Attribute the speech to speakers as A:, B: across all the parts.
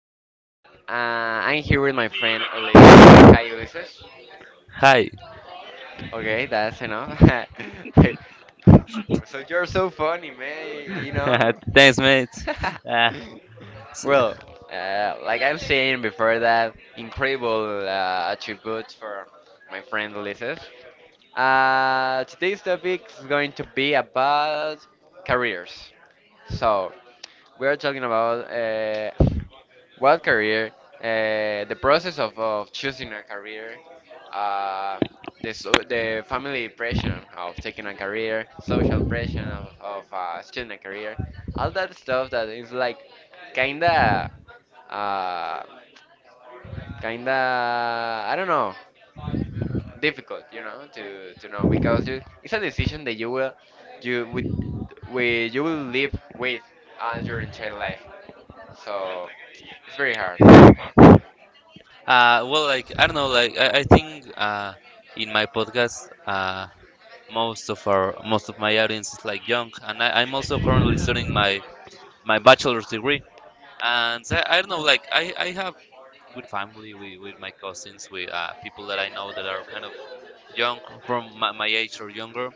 A: back. I'm here with my friend Ulysses. Say hi, Ulysses.
B: Hi.
A: Okay, that's enough.
B: So
A: So you're so funny,
B: you're
A: man. You
B: funny,
A: know.
B: man. Thanks, mate. Uh, s-
A: Well, like I'm saying before that, incredible attributes for my friend Ulysses. Today's topic is going to be about careers. So, we are talking about What career? The process of choosing a career, uh, the family pressure of taking a career, social pressure of choosing a career, all that stuff that is like kinda, uh, I don't know, difficult, you know, to know because you, it's a decision that you will, you with you will live with all your entire life. So it's very hard.
B: like I don't know, like I think in my podcast, most of our most of my audience is like young, and I'm also currently studying my my bachelor's degree. And I don't know, like I have with family, with my cousins, with people that I know that are kind of young from my age or younger.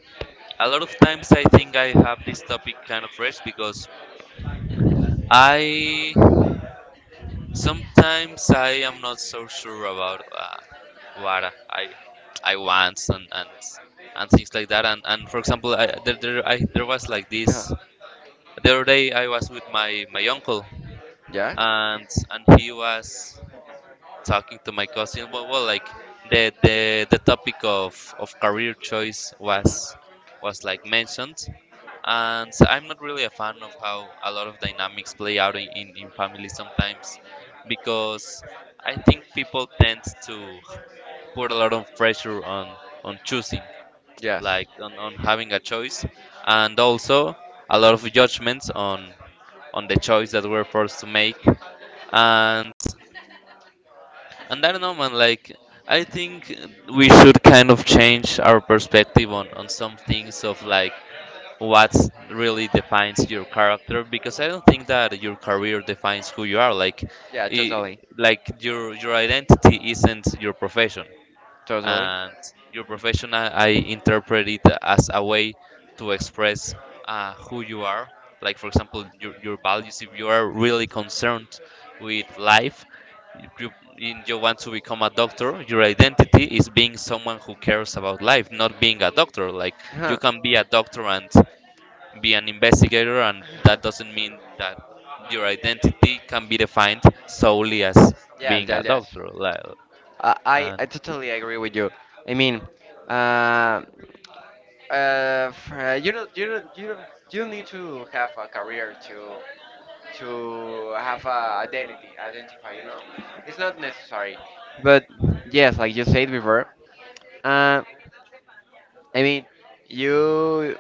B: A lot of times, I think I have this topic kind of fresh because I sometimes I am not so sure about what I want and things like that. And for example, I, there I there was like this the other day. I was with my uncle
A: Yeah?
B: and he was talking to my cousin. Well, like the the topic of career choice
A: Hmm.
B: was like mentioned, and so I'm not really a fan of how a lot of dynamics play out in, in families sometimes because I think people tend to put a lot of pressure on choosing,
A: Yes.
B: like on having a choice, and also a lot of judgments on the choice that we're forced to make. And I don't know, man, like I think we should kind of change our perspective on some things of like what really defines your character, because I don't think that your career defines who you are. Like,
A: Yeah,
B: I
A: totally.
B: like your identity isn't your profession.
A: Totally.
B: And your profession. I interpret it as a way to express who you are, like for example your values. If you are really concerned with life, if in you want to become a doctor, your identity is being someone who cares about life, not being a doctor. Like, you
A: Huh.
B: can be a doctor and be an investigator, and that doesn't mean that your identity can be defined solely as
A: Yeah,
B: being
A: yeah,
B: a
A: yes.
B: doctor. Like,
A: I, I
B: and
A: I totally agree with you. I mean, uh, you don't, you don't, you don't need to have a career to have a identity, identify. You know, it's not necessary. But yes, like you said before, uh. I mean, you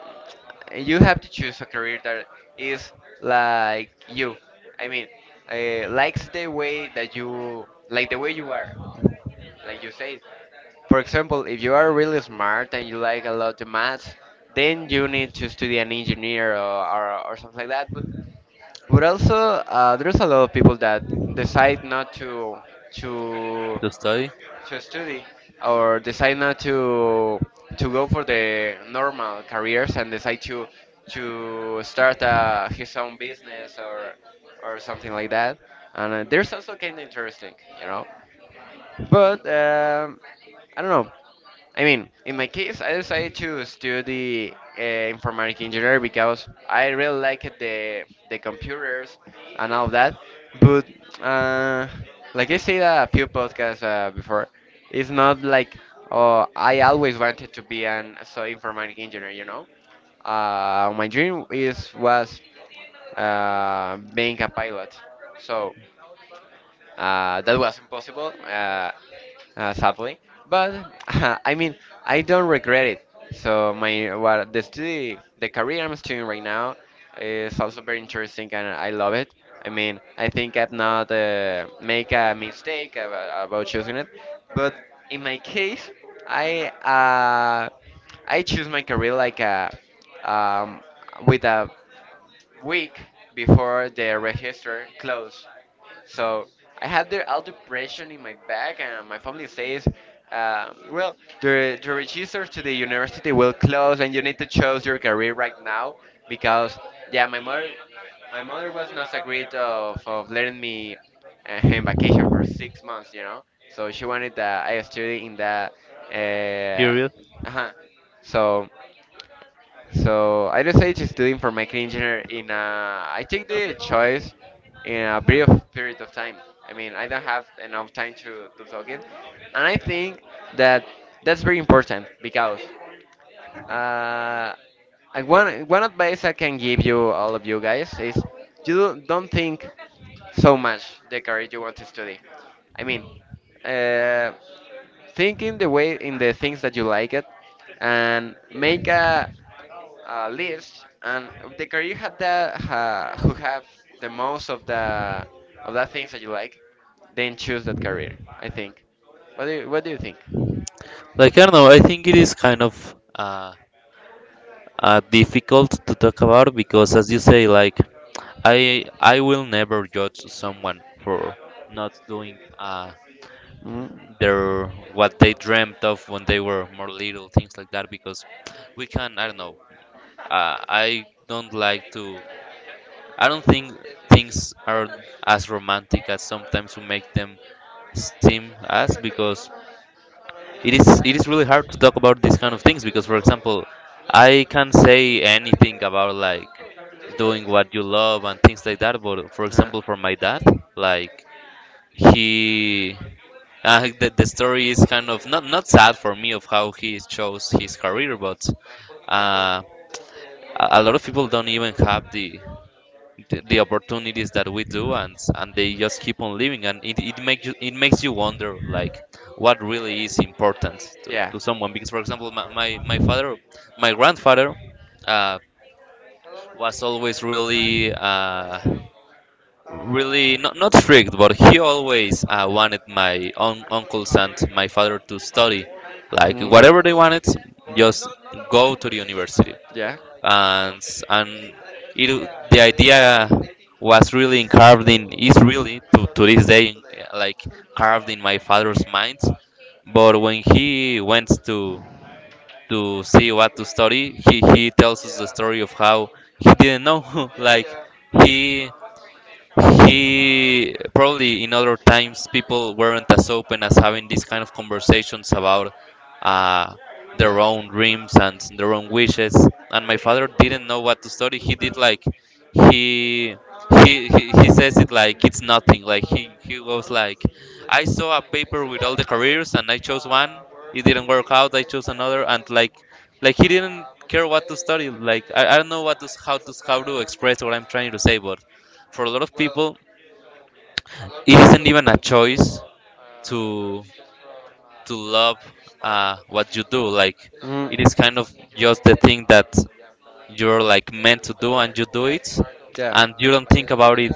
A: you have to choose a career that is like you. I mean, likes the way that you like the way you are, like you say. For example, if you are really smart and you like a lot of maths, then you need to study an engineer or something like that. But also, there's a lot of people that decide not to to
B: to study.
A: to study or decide not to go for the normal careers and decide to start his own business or something like that. And there's also kind of interesting, you know. But I don't know. I mean, in my case, I decided to study informatic engineer because I really liked the computers and all that. But uh, like I said a few podcasts before, it's not like, oh, I always wanted to be an so informatic engineer. You know, my dream is was being a pilot. So that was impossible, sadly. But I mean, I don't regret it. So my what the study, the career I'm studying right now is also very interesting, and I love it. I mean, I think I've not make a mistake about choosing it. But in my case, I uh, I choose my career like a um, with a week before the register closed. So I had the, all the pressure in my back, and my family says, "Well, the register to the university will close, and you need to choose your career right now because yeah, my mother was not agreed of letting me in vacation for 6 months, you know. So she wanted that I study in that. Uh, uh-huh. So so I decided to study information engineer in a, I take the choice in a brief period of time. I mean, I don't have enough time to talk it. And I think that that's very important because uh, and one one advice I can give you all of you guys is you don't think so much the career you want to study. I mean, uh, think in the way in the things that you like it, and make a list and of the career had the ha, who have the most of the things that you like, then choose that career. I think. What do you think?
B: Like I don't know, I think it is kind of difficult to talk about because, as you say, like I will never judge someone for not doing
A: Mm.
B: their what they dreamt of when they were more little, things like that. Because we can, I don't know, I don't like to I don't think things are as romantic as sometimes we make them seem as, because it is really hard to talk about these kind of things, because for example I can't say anything about like doing what you love and things like that, but for
A: Uh-huh.
B: example for my dad, like he the story is kind of not sad for me of how he chose his career, but uh, a lot of people don't even have the the opportunities that we do, and they just keep on living, and it makes you wonder like what really is important
A: Yeah.
B: to someone, because for example my father my grandfather uh, was always really really not strict, but he always wanted my uncles and my father to study like
A: Mhm.
B: whatever they wanted, just go to the university,
A: Yeah.
B: and and it the idea was really carved in is really to this day, like carved in my father's mind. But when he went to see what to study, he tells us the story of how he didn't know like he he probably in other times people weren't as open as having these kind of conversations about uh, their own dreams and their own wishes. And my father didn't know what to study. He did like he he says it like it's nothing. Like he goes like I saw a paper with all the careers and I chose one. It didn't work out. I chose another. And like he didn't care what to study. Like I don't know what to how to how to express what I'm trying to say, but for a lot of people it isn't even a choice to to love what you do. Like
A: Mhm.
B: it is kind of just the thing that you're like meant to do, and you do it and
A: Yeah.
B: you don't think about it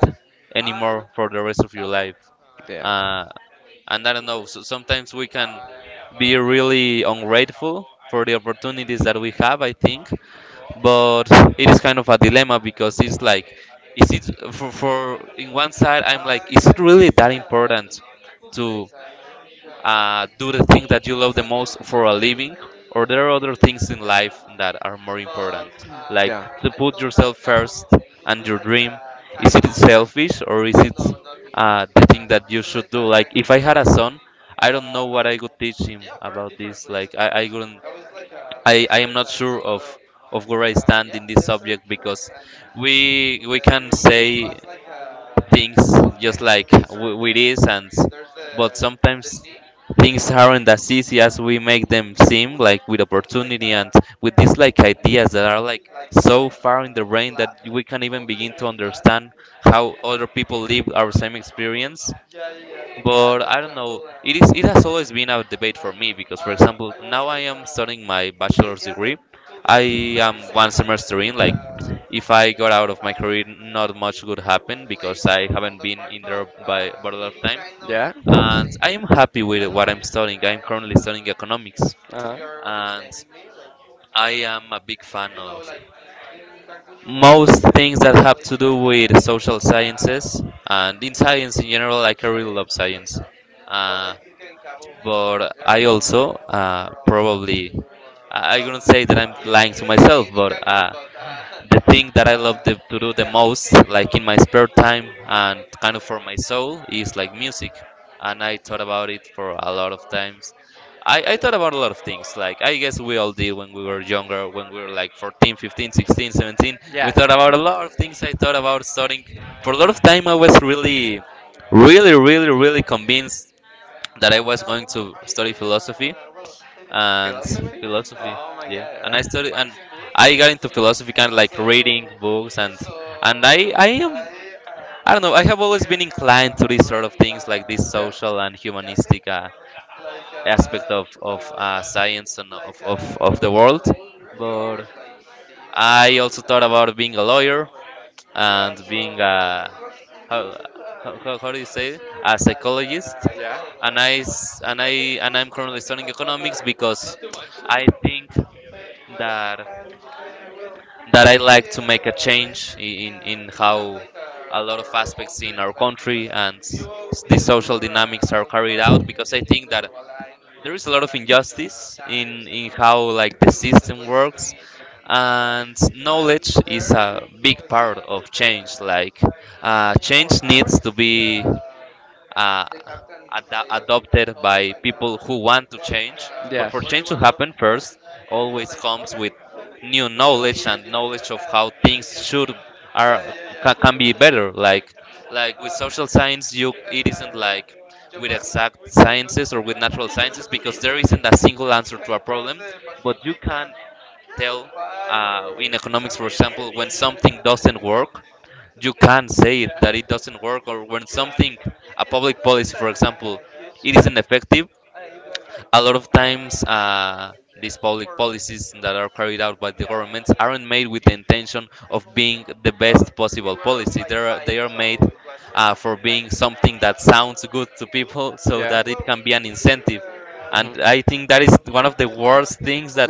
B: anymore for the rest of your life.
A: Yeah.
B: uh, and I don't know, so sometimes we can be really ungrateful for the opportunities that we have, I think. But it is kind of a dilemma, because it's like, is it for, in one side, I'm like, is it really that important to do the thing that you love the most for a living, or there are other things in life that are more important, like to put yourself first and your dream. Is it selfish, or is it the thing that you should do? Like
A: Yeah.
B: if I had a son, I don't know what I would teach him about this. Like I wouldn't I am not sure of where I stand in this subject, because we can say things just like we is and. But sometimes things aren't as easy as we make them seem, like with opportunity and with these like ideas that are like so far in the brain that we can't even begin to understand how other people live our same experience. But I don't know. It is it has always been a debate for me, because for example, now I am studying my bachelor's degree. I am one semester in. Like, if I got out of my career, not much would happen because I haven't been in there by but a lot of time. And I am happy with what I'm studying. I'm currently studying economics, and I am a big fan of most things that have to do with social sciences and in science in general. Like, I really love science. But I also probably I wouldn't say that I'm lying to myself, but the thing that I love to do the most, like in my spare time and kind of for my soul, is like music. And I thought about it for a lot of times. I thought about a lot of things. Like, I guess we all did when we were younger, when we were like 14, 15, 16, 17. We thought about a lot of things. I thought about starting. For a lot of time, I was really, really convinced that I was going to study philosophy and philosophy, yeah. And I studied and I got into philosophy kind of like reading books. And I am I don't know, I have always been inclined to these sort of things, like this social and humanistic aspect of science and of the world. But I also thought about being a lawyer and being a how, how do you say it? A psychologist. And I s- and I and I'm currently studying economics, because I think that that I like to make a change in how a lot of aspects in our country, and the social dynamics are carried out, because I think that there is a lot of injustice in how like the system works. And knowledge is a big part of change. Like change needs to be uh, adopted by people who want to change. But for change to happen, first always comes with new knowledge and knowledge of how things should are can be better. Like with social science, you it isn't like with exact sciences or with natural sciences, because there isn't a single answer to a problem, but you can tell in economics, for example, when something doesn't work, you can't say it, that it doesn't work. Or when something, a public policy, for example, it isn't effective, a lot of times these public policies that are carried out by the governments aren't made with the intention of being the best possible policy. They are made for being something that sounds good to people so that it can be an incentive. And I think that is one of the worst things that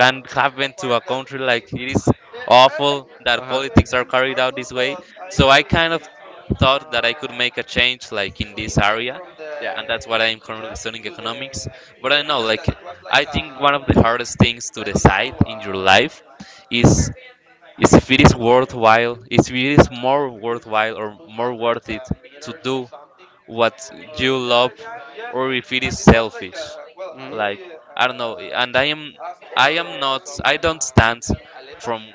B: can happen to a country. Like, it is awful that politics are carried out this way. So I kind of thought that I could make a change, like in this area, and that's what I'm currently studying economics. But I know, like, I think one of the hardest things to decide in your life is is if it is worthwhile, if it is more worthwhile or more worth it to do what you love, or if it is selfish. Like, I don't know, and I am not I don't stand from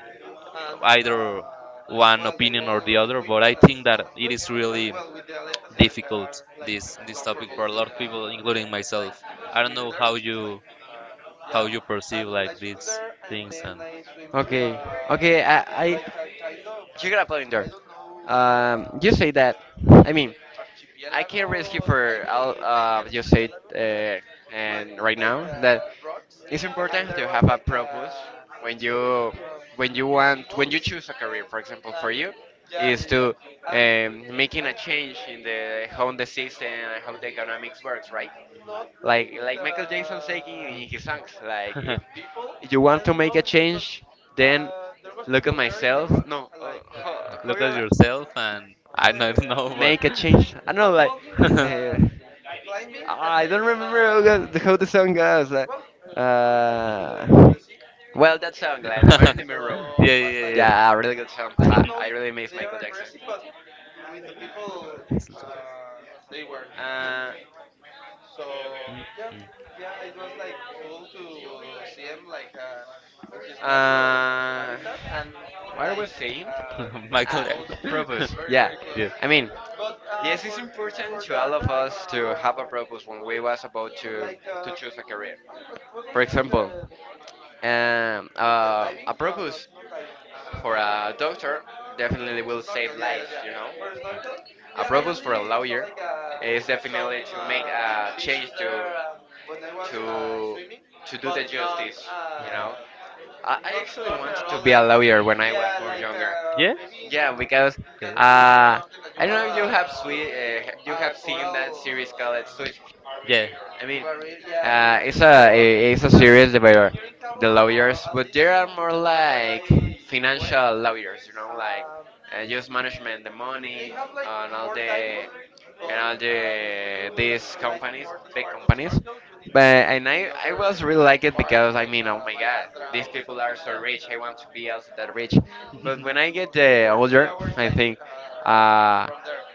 B: either one opinion or the other, but I think that it is really difficult this topic for a lot of people, including myself. I don't know how you perceive like these things and
A: You got a point, I say that. I mean, I can't risk it for. I'll just say and right now that it's important to have a purpose when you when you want when you choose a career. For example, for you is to making a change in the how the system and how the economics works, right? Like Michael Jackson saying in his songs, like if you want to make a change, then look at myself. No, Ho-
B: look at
A: Coyola
B: yourself and I don't know, but
A: make a change. I don't know, like, uh, I don't remember how go- how the song goes. Like, uh, well, that song, like, The Man in the Mirror.
B: yeah, yeah, yeah.
A: Yeah, a really good song. I really miss Michael Jackson.
B: Mistletoe.
A: Uh,
B: Mm, mm. Michael
A: Purpose.
B: Jackson. Yeah.
A: Mean, when we was about a career. A purpose for a doctor definitely will save lives, you know. A purpose for a lawyer is definitely to make a change to to to do the justice, you
B: Yeah.
A: know. I actually wanted to be a lawyer when I was more younger.
B: Yeah.
A: Yeah, because
B: Okay.
A: I don't know if you have sweet, you have seen that series called Switch.
B: Yeah.
A: I mean, yeah. It's a it's a series where the lawyers, but there are more like financial lawyers, you know, like just management, the money, like and all the these like companies, big companies. But and I was really like it because I mean, oh my God, these people are so rich. I want to be also that rich. But when I get older, I think uh,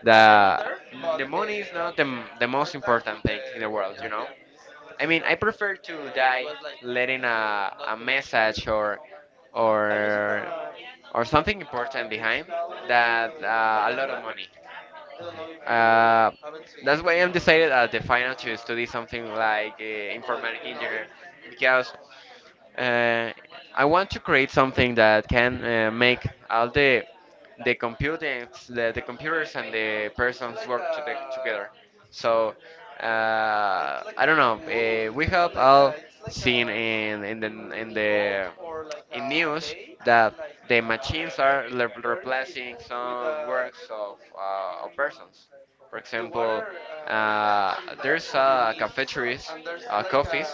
A: the the money is not the, the most important thing in the world, you know. I mean, I prefer to die letting a message or or something important behind that a lot of money, uh, that's why I'm decided at the final to study something like informatic engineer because uh, I want to create something that can make all the computing, the computers and the persons work to the, together. So uh, I don't know. We have all seen in the in the in news that the machines are le- replacing some works of persons. For example, there's coffee is cafeterias, like coffees,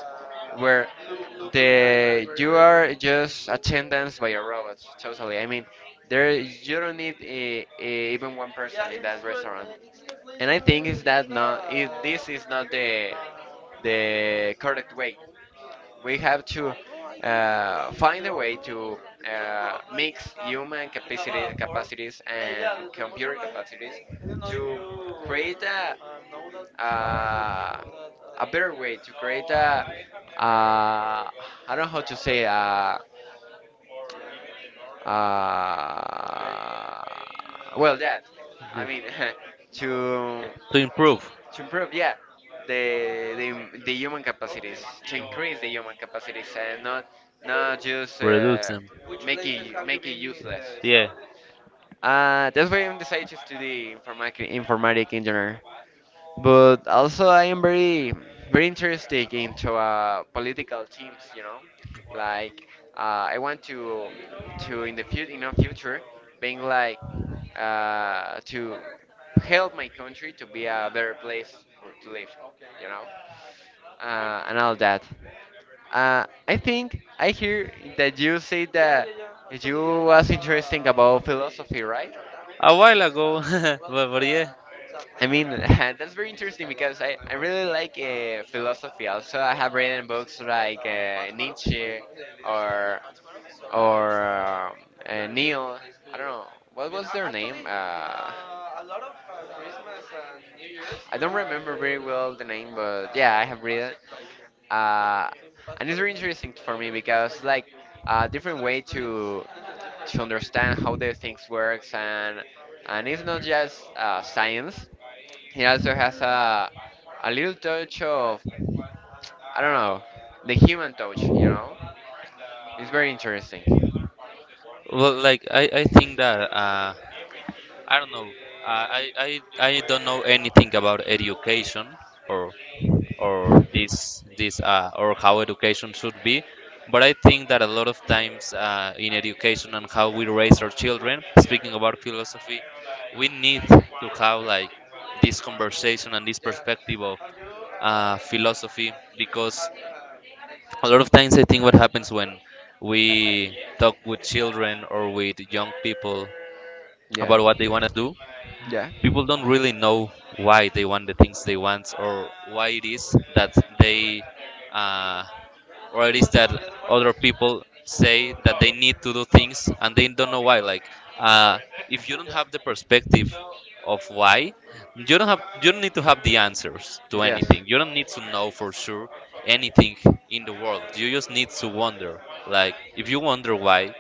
A: where the you are just attendance by a robot. Totally. I mean, there you don't need even one yeah person in that restaurant. And I think is that not is this is not the the correct way we have to find a way to mix human capacity, capacities and computer capacities to create a better way, to create a, I don't know how to say, uh, well, that,
B: Yeah.
A: I mean, to
B: To improve,
A: to improve yeah the the human capacities to increase the human capacities and not not just
B: reduce them.
A: make it useless,
B: Yeah,
A: that's why I'm decided to study informatic informatic engineer. But also, I am very, very interested into political teams. You know, like uh, I want to in the future, you know, future, being like to help my country to be a better place for, to live. You know, and all that. I think I hear that you say that you was interesting about philosophy, right?
B: a while ago, but yeah,
A: I mean, that's very interesting because I really like philosophy. Also, I have written books like Nietzsche or or Neil. I don't know what was their name. I don't remember very well the name, but yeah, I have read it, uh, and it's very interesting for me because like a different way to understand how the things works and it's not just science. It also has a little touch of I don't know the human touch. You know, it's very interesting.
B: well, like I think that I don't know, uh, I, I I don't know anything about education or or this or how education should be, but I think that a lot of times, in education and how we raise our children, speaking about philosophy, we need to have like this conversation and this perspective of philosophy, because a lot of times I think what happens when we talk with children or with young people
A: Yeah,
B: about what they want to do,
A: yeah.
B: people don't really know why they want the things they want, or why it is that they uh, or it is that other people say that they need to do things and they don't know why. Like, uh, if you don't have the perspective of why, you don't have, you don't need to have the answers to
A: Yes.
B: anything. You don't need to know for sure anything in the world. You just need to wonder. Like, if you wonder why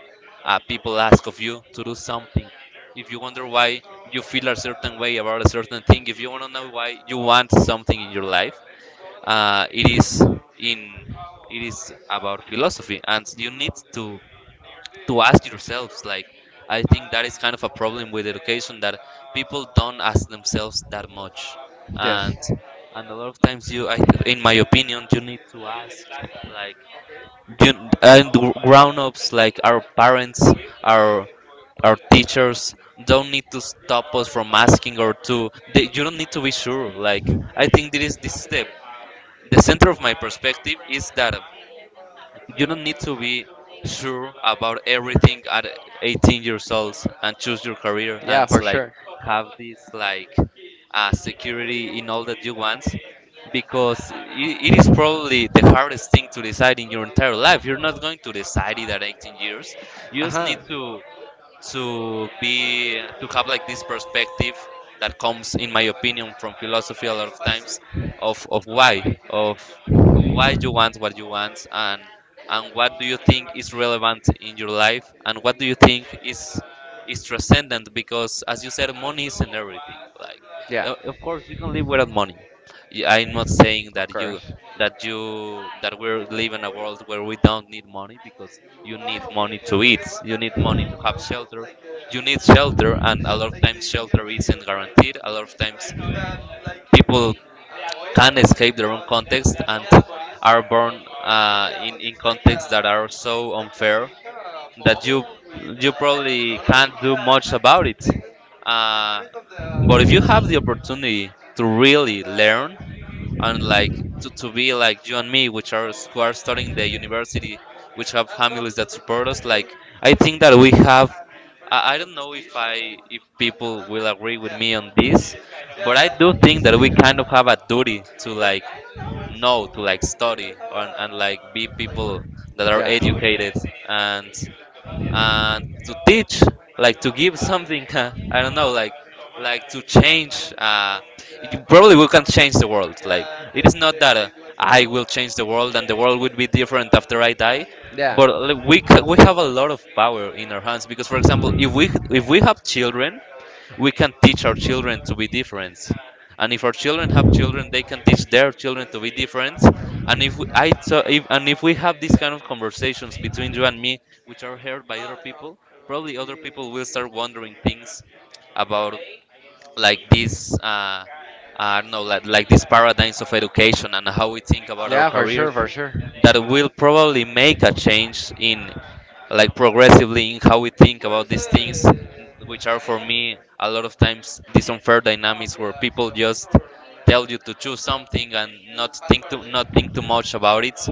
B: people ask of you to do something, if you wonder why you feel a certain way about a certain thing, if you want to know why you want something in your life, it is in, it is about philosophy, and you need to ask yourselves. Like, I think that is kind of a problem with education, that people don't ask themselves that much.
A: Yes.
B: and and a lot of times you, I, in my opinion, you need to ask, like, you and the grown-ups, like our parents, our our teachers, don't need to stop us from asking, or to, they, you don't need to be sure. Like, I think this is the center of my perspective, is that you don't need to be sure about everything at 18 years old and choose your career and
A: Yeah, for
B: like
A: sure.
B: have this like security in all that you want, because it is probably the hardest thing to decide in your entire life. You're not going to decide it at 18 years. You
A: Uh
B: just
A: huh.
B: need to be, to have like this perspective that comes in my opinion from philosophy a lot of times, of why, of why you want what you want, and what do you think is relevant in your life, and what do you think is transcendent, because as you said, money isn't everything. Like,
A: Yeah,
B: o- of course you can live without money. Y- I'm not saying that
A: of
B: you
A: course.
B: that you, that we're living in a world where we don't need money, because you need money to eat. You need money to have shelter. You need shelter, and a lot of times shelter isn't guaranteed. A lot of times people can escape their own context and are born in contexts that are so unfair that you probably can't do much about it. Uh, but if you have the opportunity to really learn, and like to be like you and me, which are, who are studying the university, which have families that support us, like I think that we have, I don't know if I, if people will agree with me on this, but I do think that we kind of have a duty to like know, to like study and like be people that are
A: Yeah.
B: educated, and and to teach, like to give something. I don't know, like to change, you probably, we can change the world. Like, it is not that I will change the world and the world will be different after I die,
A: Yeah.
B: but like, we ca- we have a lot of power in our hands, because for example, if we, if we have children, we can teach our children to be different, and if our children have children, they can teach their children to be different. And if we, I, so if, and if we have these kind of conversations between you and me, which are heard by other people, probably other people will start wondering things about like this. I don't know, like these paradigms of education and how we think about our
A: Yeah, for
B: careers,
A: sure, for sure.
B: that will probably make a change in, like progressively in how we think about these things, which are for me a lot of times these unfair dynamics where people just tell you to choose something and not think, to not think too much about it, s-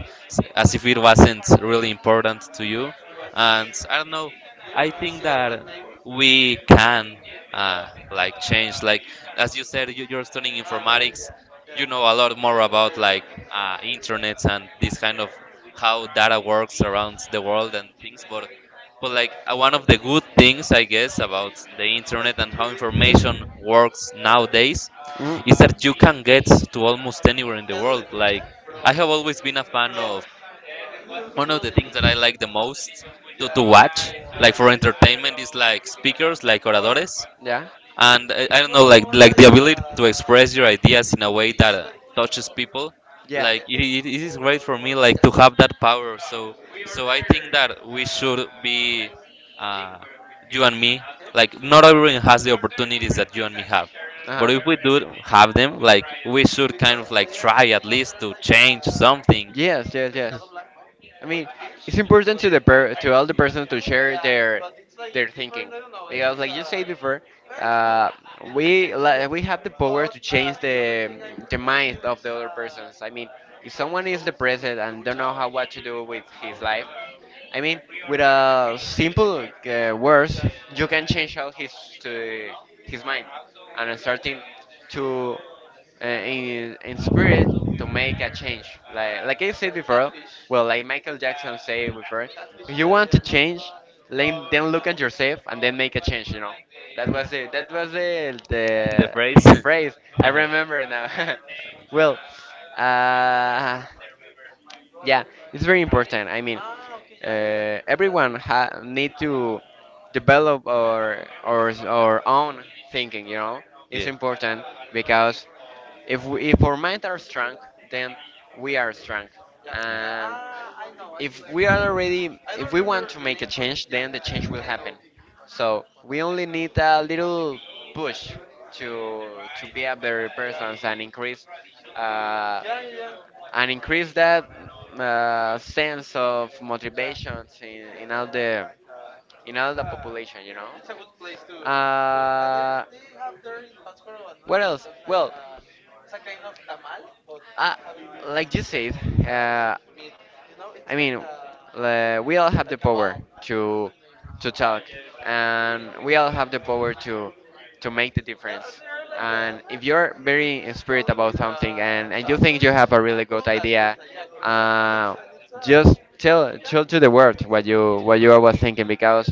B: as if it wasn't really important to you. And I don't know, I think that we can like change, like as you said, you, you're studying informatics, you know a lot more about like internet and this kind of how data works around the world and things. But like, one of the good things I guess about the internet and how information works nowadays
A: Mm.
B: is that you can get to almost anywhere in the world. Like, I have always been a fan of one of the things that I like the most to watch like for entertainment, is like speakers, like oradores,
A: Yeah.
B: and I don't know, like the ability to express your ideas in a way that touches people.
A: Yeah.
B: Like, it is great for me, like to have that power. So so I think that we should be uh, you and me. Like, not everyone has the opportunities that you and me have, but
A: Uh-huh.
B: if we do have them, like we should kind of like try at least to change something.
A: Yes, yes, yes. I mean, it's important to the per to all the person to share their thinking because, like you said before, uh, we li- we have the power to change the mind of the other persons. I mean, if someone is depressed and don't know how what to do with his life, I mean, with a simple words, you can change out his to his mind and starting to in spirit to make a change. Like I said before, well, like Michael Jackson said before, if you want to change, then look at yourself and then make a change. You know, that was it. That was
B: In the phrase.
A: the phrase. I remember now. Well, uh, yeah, it's very important. I mean, yeah. Everyone ha need to develop our own thinking. You know, it's
B: Yeah.
A: important because if we, if our minds are strong, then we are strong.
B: Yeah.
A: Yeah, and if we are already, if we want to make a change, then the change will happen. So we only need a little push to to be a better person uh, and increase that sense of motivation in all the population, you know. What else? Uh, like you said, uh, I mean, we all have the power to to talk, and we all have the power to make the difference. And if you're very inspired about something, and you think you have a really good idea, uh, just tell to the world what you was thinking, because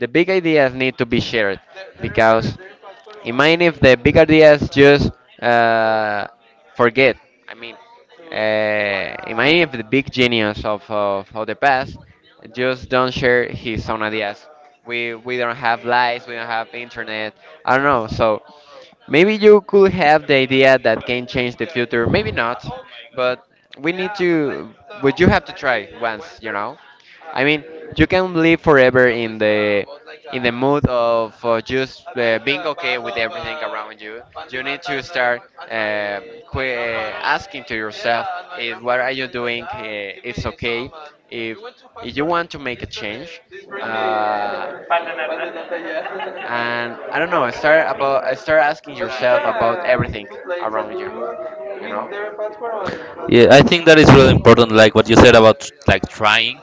A: the big ideas need to be shared, because imagine if the big ideas just uh, forget. I mean, in many of the big genius of the past just don't share his own ideas. We don't have lights, we don't have internet, I don't know. So maybe you could have the idea that can change the future, maybe not, but we need to, but you have to try once, you know? I mean, you can live forever in the mood of just being okay with everything around you. You need to start asking to yourself, if what are you doing? It's okay. If if you want to make a change, uh, and I don't know, start asking yourself about everything around you. You know?
B: Yeah, I think that is really important, like what you said about like trying,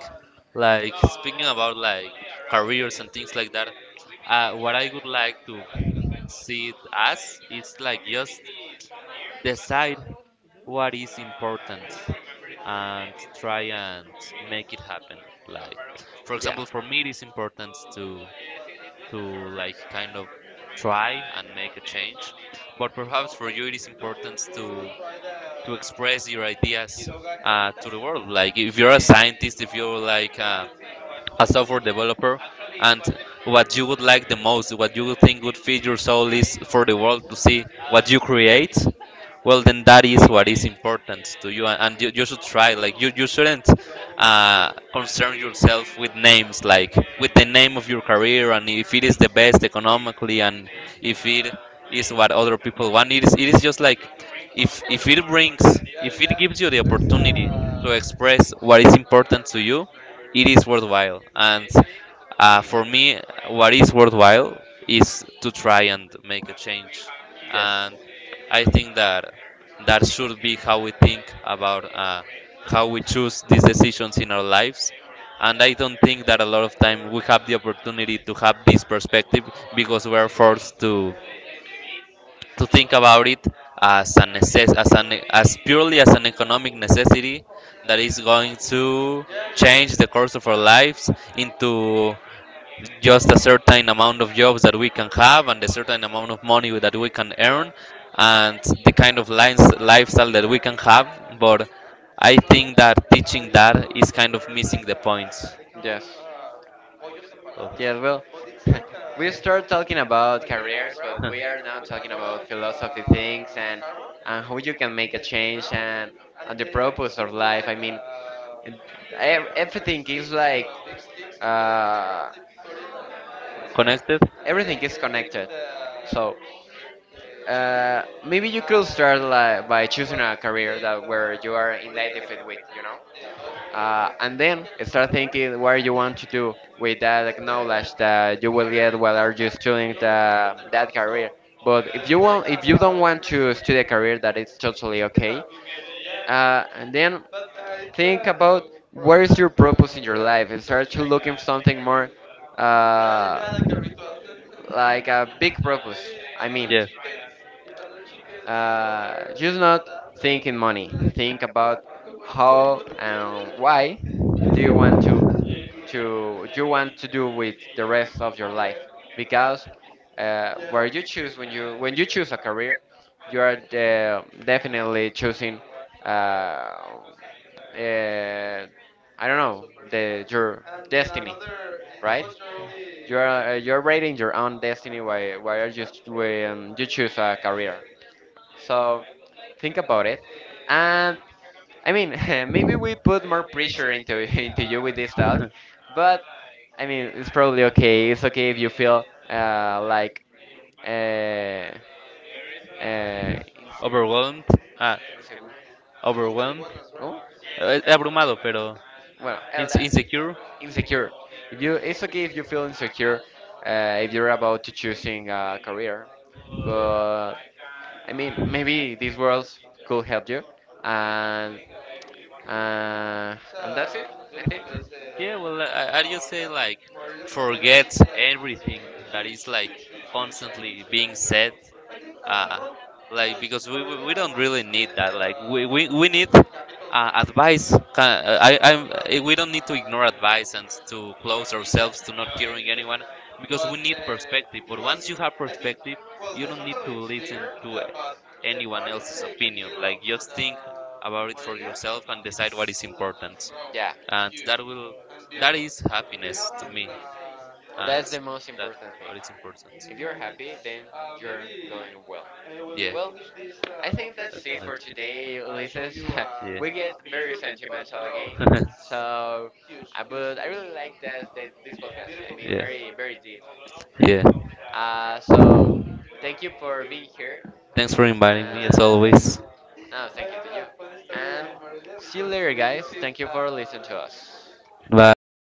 B: like speaking about like careers and things like that. What I would like to see it as is like just decide what is important and try and make it happen. Like, for
A: Yeah.
B: example, for me, it is important to like kind of try and make a change, but perhaps for you, it is important to express your ideas to the world. Like if you're a scientist, if you're like a software developer, and what you would like the most, what you would think would feed your soul is for the world to see what you create, well then that is what is important to you, and you should try. Like you shouldn't uh, concern yourself with names, like with the name of your career, and if it is the best economically, and if it is what other people want. It is, it is just like, if it brings, if it gives you the opportunity to express what is important to you, it is worthwhile. And for me, what is worthwhile is to try and make a change.
A: Yes.
B: And I think that that should be how we think about how we choose these decisions in our lives. And I don't think that a lot of time we have the opportunity to have this perspective, because we're forced to think about it as a necess-, as an, as purely as an economic necessity, that is going to change the course of our lives into just a certain amount of jobs that we can have, and a certain amount of money that we can earn, and the kind of lines, lifestyle that we can have. But I think that teaching that is kind of missing the point
A: Yes. Yes, well, we start talking about careers, but we are now talking about philosophy things, and
B: of.
A: how you can make a change, and the purpose of life. I mean, it- everything is like, uh,
B: Connected?
A: everything is connected. So, uh, maybe you could start like, by choosing a career that where you are in identified with, you know, and then start thinking what you want to do with that, like, knowledge that you will get while are you studying the, that career. But if you want, if you don't want to study a career, that is totally okay. And then think about where is your purpose in your life, and start to look for something more. Uh, like a big purpose. I mean,
B: Yes.
A: just not think in money. Think about how and why do you want to you want to do with the rest of your life. Because where you choose, when you choose a career, you are definitely choosing. Uh, uh, I don't know, the your destiny, right? You are you're writing your own destiny while when you choose a career. So think about it, and I mean maybe we put more pressure into into you with this talk, but I mean it's probably okay. It's okay if you feel uh, like uh, uh,
B: Overwhelmed. Ah,
A: inseguro.
B: overwhelmed.
A: Inseguro. Oh?
B: Eh, eh, abrumado, pero.
A: Well,
B: Ins-
A: Elda,
B: insecure.
A: insecure. If you, it's okay if you feel insecure, if you're about to choosing a career, but I mean maybe these worlds could help you, and uh, and that's it. I think.
B: Yeah, well, I just say like forget everything that is like constantly being said. Uh, like, because we don't really need that. Like we need advice. Ca- I, I'm, eh, we don't need to ignore advice and to close ourselves to not hearing anyone, because we need perspective. But once you have perspective, you don't need to listen to anyone else's opinion. Like, just think about it for yourself and decide what is important, and that will, that is happiness to me. And
A: That's the most
B: that,
A: important thing.
B: what is important.
A: If you're happy, yes, then you're going well.
B: Yeah.
A: Well, I think
B: That,
A: that's it can
B: that,
A: for today, Ulises.
B: yeah.
A: We get very sentimental again. It's so, I, but I really like that, that this a podcast. I mean,
B: Yeah,
A: very, very deep.
B: deep. Yeah.
A: So, thank you for being here. In
B: Thanks for inviting me, as
A: and
B: always.
A: no, thank you to you. And see you later, guys. Thank you for listening to us.
B: Bye.